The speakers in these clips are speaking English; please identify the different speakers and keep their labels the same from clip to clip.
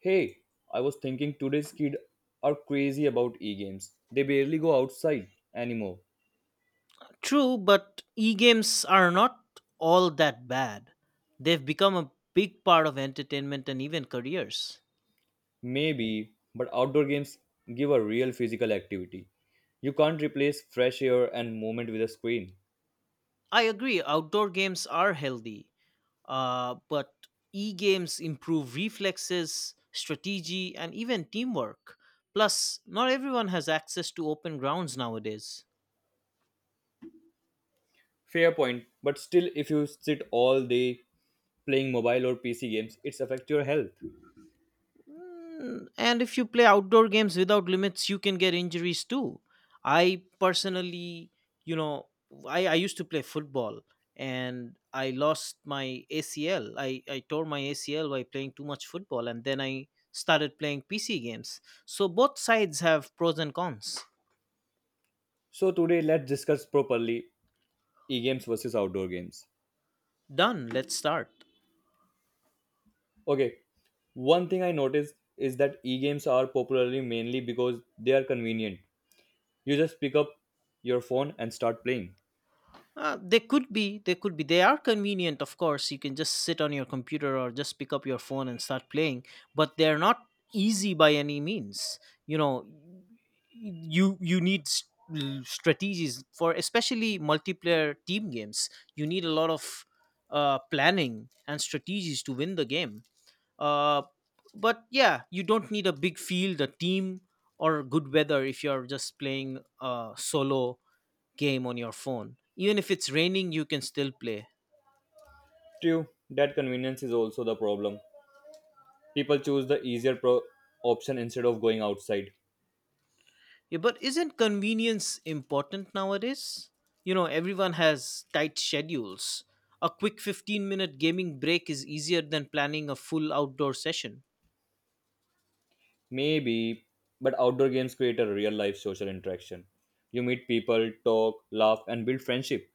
Speaker 1: Hey, I was thinking today's kids are crazy about e-games. They barely go outside anymore.
Speaker 2: True, but e games are not all that bad. They've become a big part of entertainment and even careers.
Speaker 1: Maybe, but outdoor games give a real physical activity. You can't replace fresh air and movement with a screen.
Speaker 2: I agree, outdoor games are healthy, but e games improve reflexes, strategy, and even teamwork. Plus, not everyone has access to open grounds nowadays.
Speaker 1: Fair point, but still if you sit all day playing mobile or PC games, it's affect your health.
Speaker 2: Mm, and if you play outdoor games without limits, you can get injuries too. I personally, you know, I used to play football and I lost my ACL. I tore my ACL by playing too much football and then I started playing PC games. So both sides have pros and cons.
Speaker 1: So today let's discuss properly e-games versus outdoor games.
Speaker 2: Done, let's start.
Speaker 1: Okay, one thing I noticed is that e-games are popularly mainly because they are convenient. You just pick up your phone and start playing.
Speaker 2: They could be. They are convenient, of course. You can just sit on your computer or just pick up your phone and start playing, but they're not easy by any means. You know, you need strategies for especially multiplayer team games. You need a lot of planning and strategies to win the game. Uh, but yeah, you don't need a big field, a team, or good weather if you're just playing solo game on your phone. Even if it's raining, you can still play.
Speaker 1: True, that convenience is also the problem. People choose the easier option instead of going outside.
Speaker 2: Yeah, but isn't convenience important nowadays? You know, everyone has tight schedules. A quick 15-minute minute gaming break is easier than planning a full outdoor session.
Speaker 1: Maybe, but outdoor games create a real life social interaction. You meet people, talk, laugh, and build friendship.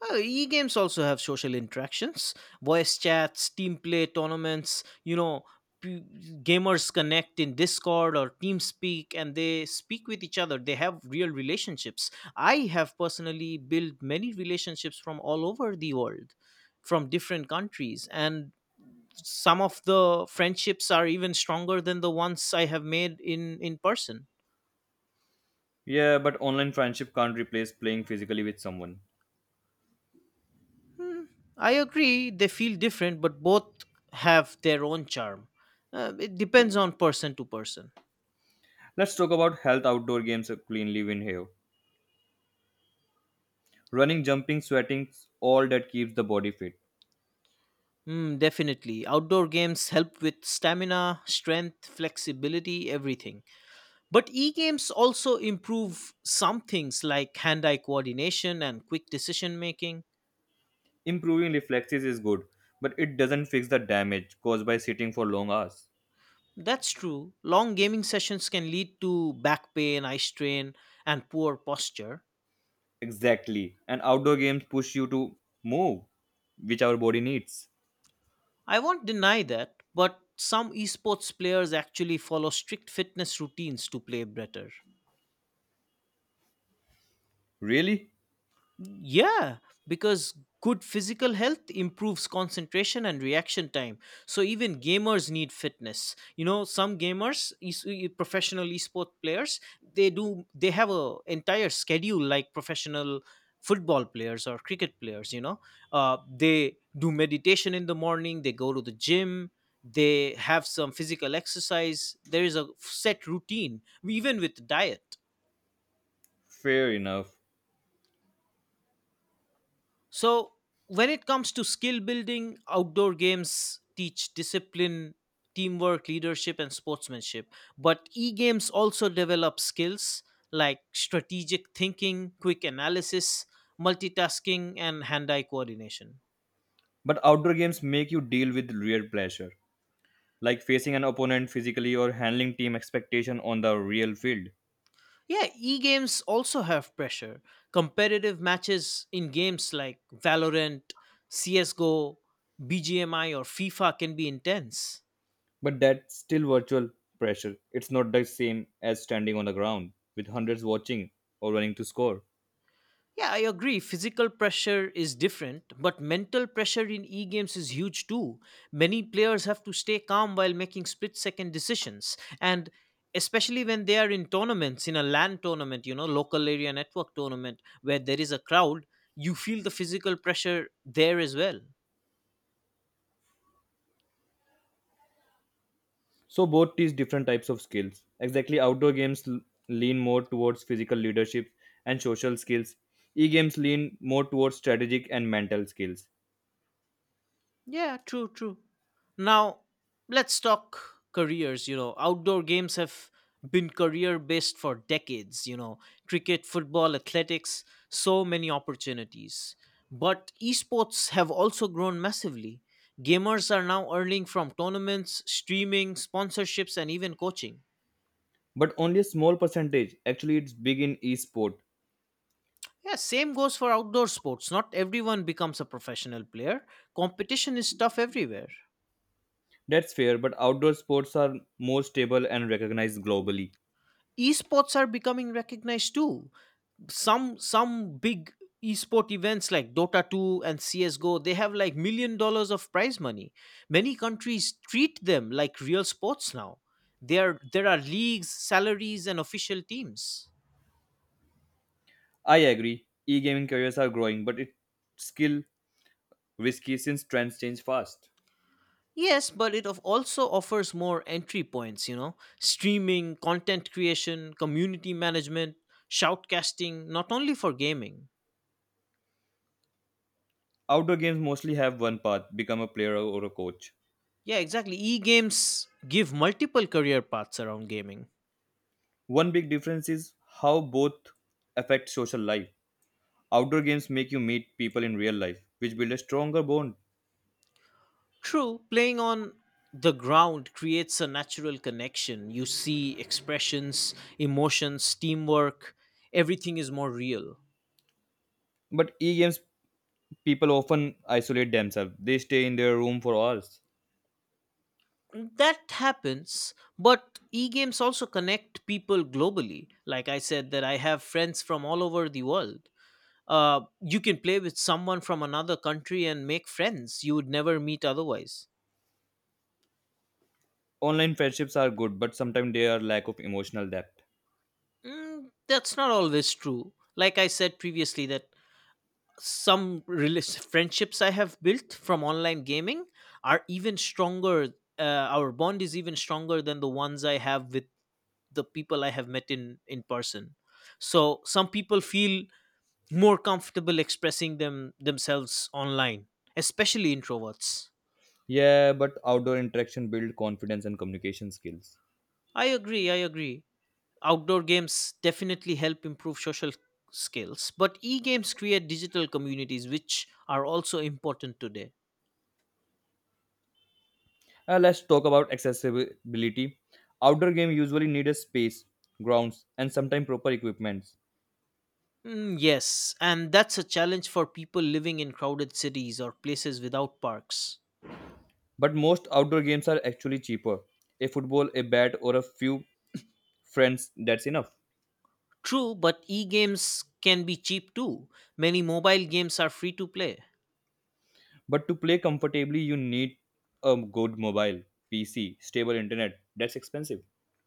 Speaker 2: Well, e-games also have social interactions, voice chats, team play tournaments. You know, p- gamers connect in Discord or TeamSpeak, and they speak with each other. They have real relationships. I have personally built many relationships from all over the world, from different countries, and some of the friendships are even stronger than the ones I have made in person.
Speaker 1: Yeah, but online friendship can't replace playing physically with someone.
Speaker 2: I agree they feel different, but both have their own charm. It depends on person to person.
Speaker 1: Let's talk about health outdoor games cleanly win here. Running, jumping, sweating, all that keeps the body fit.
Speaker 2: Mm, definitely. Outdoor games help with stamina, strength, flexibility, everything. But e games also improve some things like hand eye coordination and quick decision making.
Speaker 1: Improving reflexes is good, but it doesn't fix the damage caused by sitting for long hours.
Speaker 2: That's true. Long gaming sessions can lead to back pain, eye strain, and poor posture.
Speaker 1: Exactly. And outdoor games push you to move, which our body needs.
Speaker 2: I won't deny that, but some esports players actually follow strict fitness routines to play better.
Speaker 1: Really?
Speaker 2: Yeah, because good physical health improves concentration and reaction time. So even gamers need fitness. You know, some gamers, professional esport players, they have a entire schedule like professional football players or cricket players. You know, they do meditation in the morning. They go to the gym. They have some physical exercise. There is a set routine, even with diet.
Speaker 1: Fair enough.
Speaker 2: So, when it comes to skill building, outdoor games teach discipline, teamwork, leadership, and sportsmanship. But e games also develop skills like strategic thinking, quick analysis, multitasking, and hand eye coordination.
Speaker 1: But outdoor games make you deal with real pressure, like facing an opponent physically or handling team expectation on the real field.
Speaker 2: Yeah, e games also have pressure. Competitive matches in games like Valorant, CSGO, BGMI, or FIFA can be intense.
Speaker 1: But that's still virtual pressure. It's not the same as standing on the ground with hundreds watching or running to score.
Speaker 2: Yeah, I agree. Physical pressure is different, but mental pressure in e games is huge too. Many players have to stay calm while making split second decisions, and especially when they are in tournaments, in a LAN tournament, you know, local area network tournament, where there is a crowd, you feel the physical pressure there as well.
Speaker 1: So both teach different types of skills. Exactly, outdoor games lean more towards physical leadership and social skills. E-games lean more towards strategic and mental skills.
Speaker 2: Yeah, true. Now, let's talk careers. You know, outdoor games have been career based for decades. You know, cricket, football, athletics, so many opportunities. But esports have also grown massively. Gamers are now earning from tournaments, streaming, sponsorships, and even coaching.
Speaker 1: But only a small percentage. Actually, it's big in e-sport.
Speaker 2: Yeah, same goes for outdoor sports. Not everyone becomes a professional player. Competition is tough everywhere.
Speaker 1: That's fair, but outdoor sports are more stable and recognized globally.
Speaker 2: Esports are becoming recognized too. Some big esport events like dota 2 and csgo, they have like million dollars of prize money. Many countries treat them like real sports now. There are leagues, salaries, and official teams.
Speaker 1: I agree. E-gaming careers are growing, but it's still risky since trends change fast.
Speaker 2: Yes, but it of also offers more entry points, you know, streaming, content creation, community management, shoutcasting, not only for gaming.
Speaker 1: Outdoor games mostly have one path: become a player or a coach.
Speaker 2: Yeah, exactly, e-games give multiple career paths around gaming.
Speaker 1: One big difference is how both affect social life. Outdoor games make you meet people in real life, which build a stronger bond.
Speaker 2: True, playing on the ground creates a natural connection. You see expressions, emotions, teamwork, everything is more real.
Speaker 1: But e-games people often isolate themselves. They stay in their room for hours.
Speaker 2: That happens, but e games also connect people globally. Like I said, that I have friends from all over the world. You can play with someone from another country and make friends you would never meet otherwise.
Speaker 1: Online friendships are good, but sometimes they are lack of emotional depth.
Speaker 2: Mm, that's not always true. Like I said previously, that some friendships I have built from online gaming are even stronger. Uh, our bond is even stronger than the ones I have with the people I have met in person. So some people feel more comfortable expressing themselves online, especially introverts.
Speaker 1: Yeah, but outdoor interaction build confidence and communication skills.
Speaker 2: I agree. Outdoor games definitely help improve social skills, but e-games create digital communities, which are also important today.
Speaker 1: Let's talk about accessibility. Outdoor game usually need a space, grounds, and sometimes proper equipments.
Speaker 2: Mm, yes, and that's a challenge for people living in crowded cities or places without parks.
Speaker 1: But most outdoor games are actually cheaper. A football, a bat, or a few friends, that's enough.
Speaker 2: True, but e games can be cheap too. Many mobile games are free to play.
Speaker 1: But to play comfortably, you need a good mobile, PC, stable internet. That's expensive.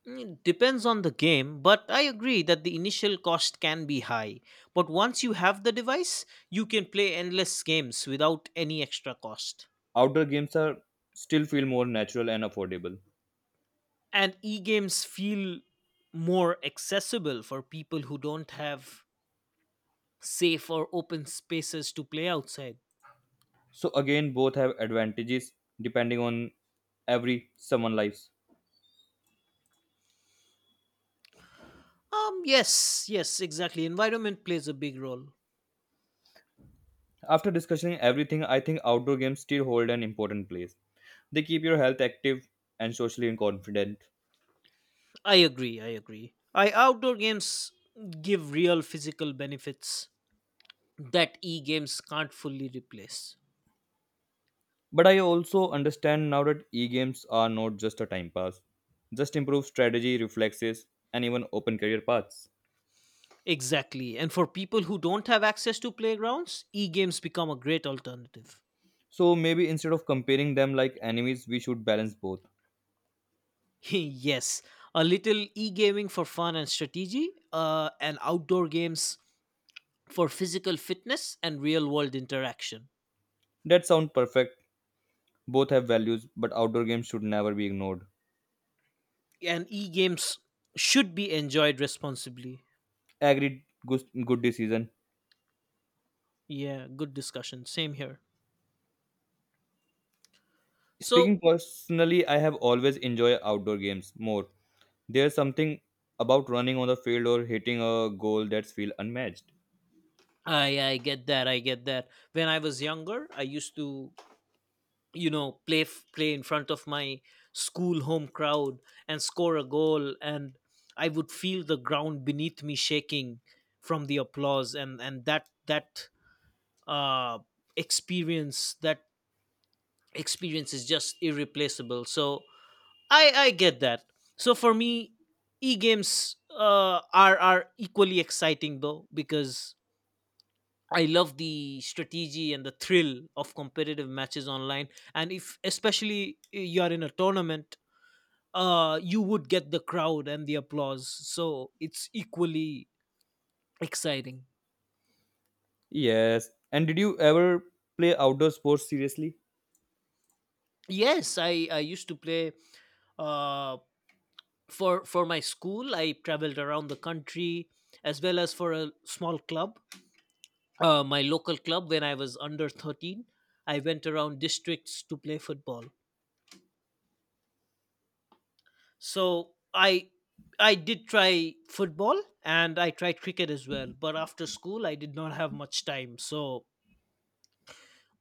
Speaker 2: Mm, depends on the game, but I agree that the initial cost can be high. But once you have the device, you can play endless games without any extra cost.
Speaker 1: Outdoor games are still feel more natural and affordable.
Speaker 2: And e games feel more accessible for people who don't have safe or open spaces to play outside.
Speaker 1: So again, both have advantages depending on every someone lives.
Speaker 2: Yes, exactly. Environment plays a big role.
Speaker 1: After discussing everything, I think outdoor games still hold an important place. They keep your health active and socially confident.
Speaker 2: I agree. I outdoor games give real physical benefits that e-games can't fully replace.
Speaker 1: But I also understand now that e-games are not just a time pass, just improve strategy, reflexes, and even open career paths.
Speaker 2: Exactly. And for people who don't have access to playgrounds, e-games become a great alternative.
Speaker 1: So maybe instead of comparing them like enemies, we should balance both.
Speaker 2: Yes, a little e-gaming for fun and strategy, and outdoor games for physical fitness and real-world interaction.
Speaker 1: That sounds perfect. Both have values, but outdoor games should never be ignored.
Speaker 2: And e-games should be enjoyed responsibly.
Speaker 1: Agreed. Good, good decision.
Speaker 2: Yeah, good discussion. Same here. So
Speaker 1: Speaking personally, I have always enjoyed outdoor games more. There's something about running on the field or hitting a goal that's feel unmatched.
Speaker 2: I get that. I get that. When I was younger, I used to play in front of my school home crowd and score a goal, and I would feel the ground beneath me shaking from the applause, and that uh experience that experience is just irreplaceable. So I get that. So for me, e games are equally exciting though because I love the strategy and the thrill of competitive matches online. And if, especially, you are in a tournament, you would get the crowd and the applause. So it's equally exciting.
Speaker 1: Yes. And did you ever play outdoor sports seriously?
Speaker 2: Yes, I used to play uh, for my school. I traveled around the country as well as for a small club, my local club, when I was under 13. I went around districts to play football. So I did try football and I tried cricket as well, but after school I did not have much time. So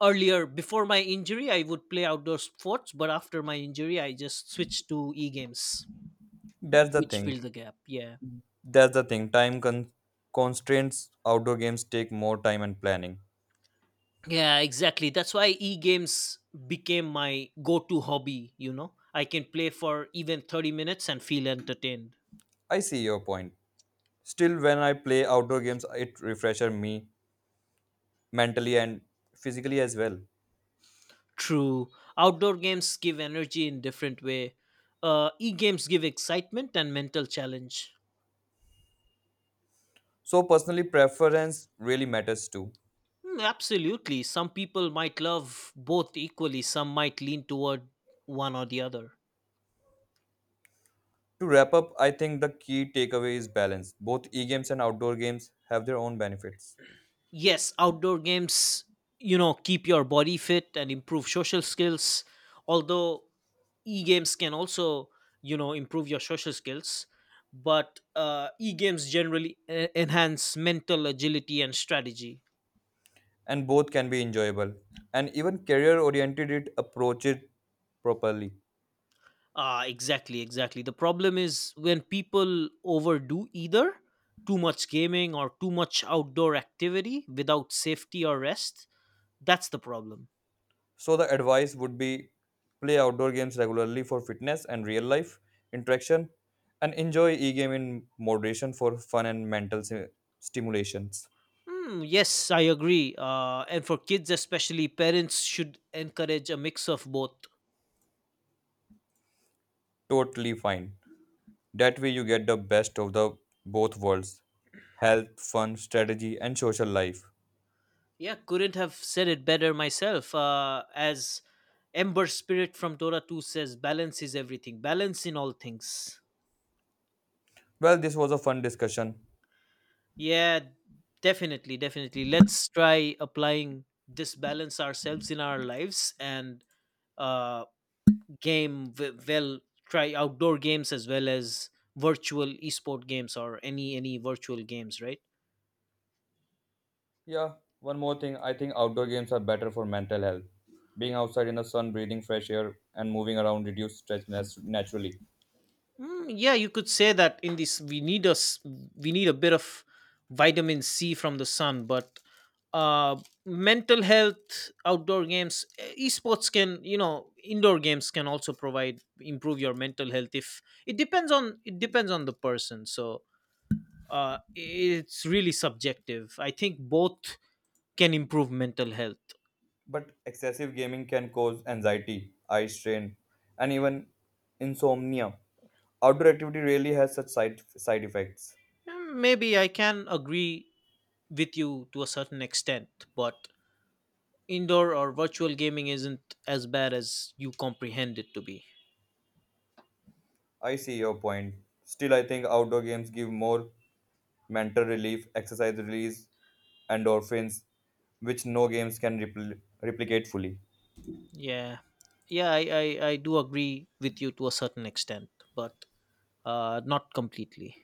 Speaker 2: earlier before my injury I would play outdoor sports, but after my injury I just switched to e-games
Speaker 1: That's the
Speaker 2: which
Speaker 1: thing.
Speaker 2: filled the gap. Yeah.
Speaker 1: That's the thing. Constraints, outdoor games take more time and planning.
Speaker 2: Yeah, exactly. That's why e-games became my go-to hobby, you know. I can play for even 30 minutes and feel entertained.
Speaker 1: I see your point. Still, when I play outdoor games, it refreshes me mentally and physically as well.
Speaker 2: True. Outdoor games give energy in different way. E-games give excitement and mental challenge.
Speaker 1: So, personally, preference really matters too.
Speaker 2: Mm, absolutely. Some people might love both equally. Some might lean toward one or the other.
Speaker 1: To wrap up, I think the key takeaway is balance. Both e games and outdoor games have their own benefits,
Speaker 2: Yes, outdoor games, you know, keep your body fit and improve social skills. Although e-games can also, you know, improve your social skills, but e-games generally enhance mental agility and strategy.
Speaker 1: and both can be enjoyable. And even career oriented, it approach it properly.
Speaker 2: Ah, exactly. The problem is when people overdo either too much gaming or too much outdoor activity without safety or rest. That's the problem.
Speaker 1: So the advice would be play outdoor games regularly for fitness and real life interaction and enjoy e-game in moderation for fun and stimulations.
Speaker 2: Hmm, yes, I agree. And for kids, especially, parents should encourage a mix of both.
Speaker 1: Totally fine. That way you get the best of the both worlds. Health, fun, strategy and social life.
Speaker 2: Yeah, couldn't have said it better myself. As Ember Spirit from Dora 2 says, balance is everything, balance in all things.
Speaker 1: Well, this was a fun discussion.
Speaker 2: Yeah, definitely. Let's try applying this balance ourselves in our lives and uh well try outdoor games as well as virtual esport games or any virtual games, right?
Speaker 1: Yeah, one more thing. I think outdoor games are better for mental health. Being outside in the sun, breathing fresh air and moving around reduce stress naturally.
Speaker 2: Mm, yeah, you could say that in this we need a bit of vitamin C from the sun, but uh mental health, outdoor games, esports can, you know, indoor games can also provide improve your mental health if it depends on the person. So, it's really subjective. I think both can improve mental health.
Speaker 1: But excessive gaming can cause anxiety, eye strain, and even insomnia. Outdoor activity really has such side effects.
Speaker 2: Mm, maybe I can agree with you to a certain extent, but indoor or virtual gaming isn't as bad as you comprehend it to be.
Speaker 1: I see your point. Still, I think outdoor games give more mental relief, exercise release, endorphins, which no games can replicate fully.
Speaker 2: yeah yeah, I do agree with you to a certain extent but not completely.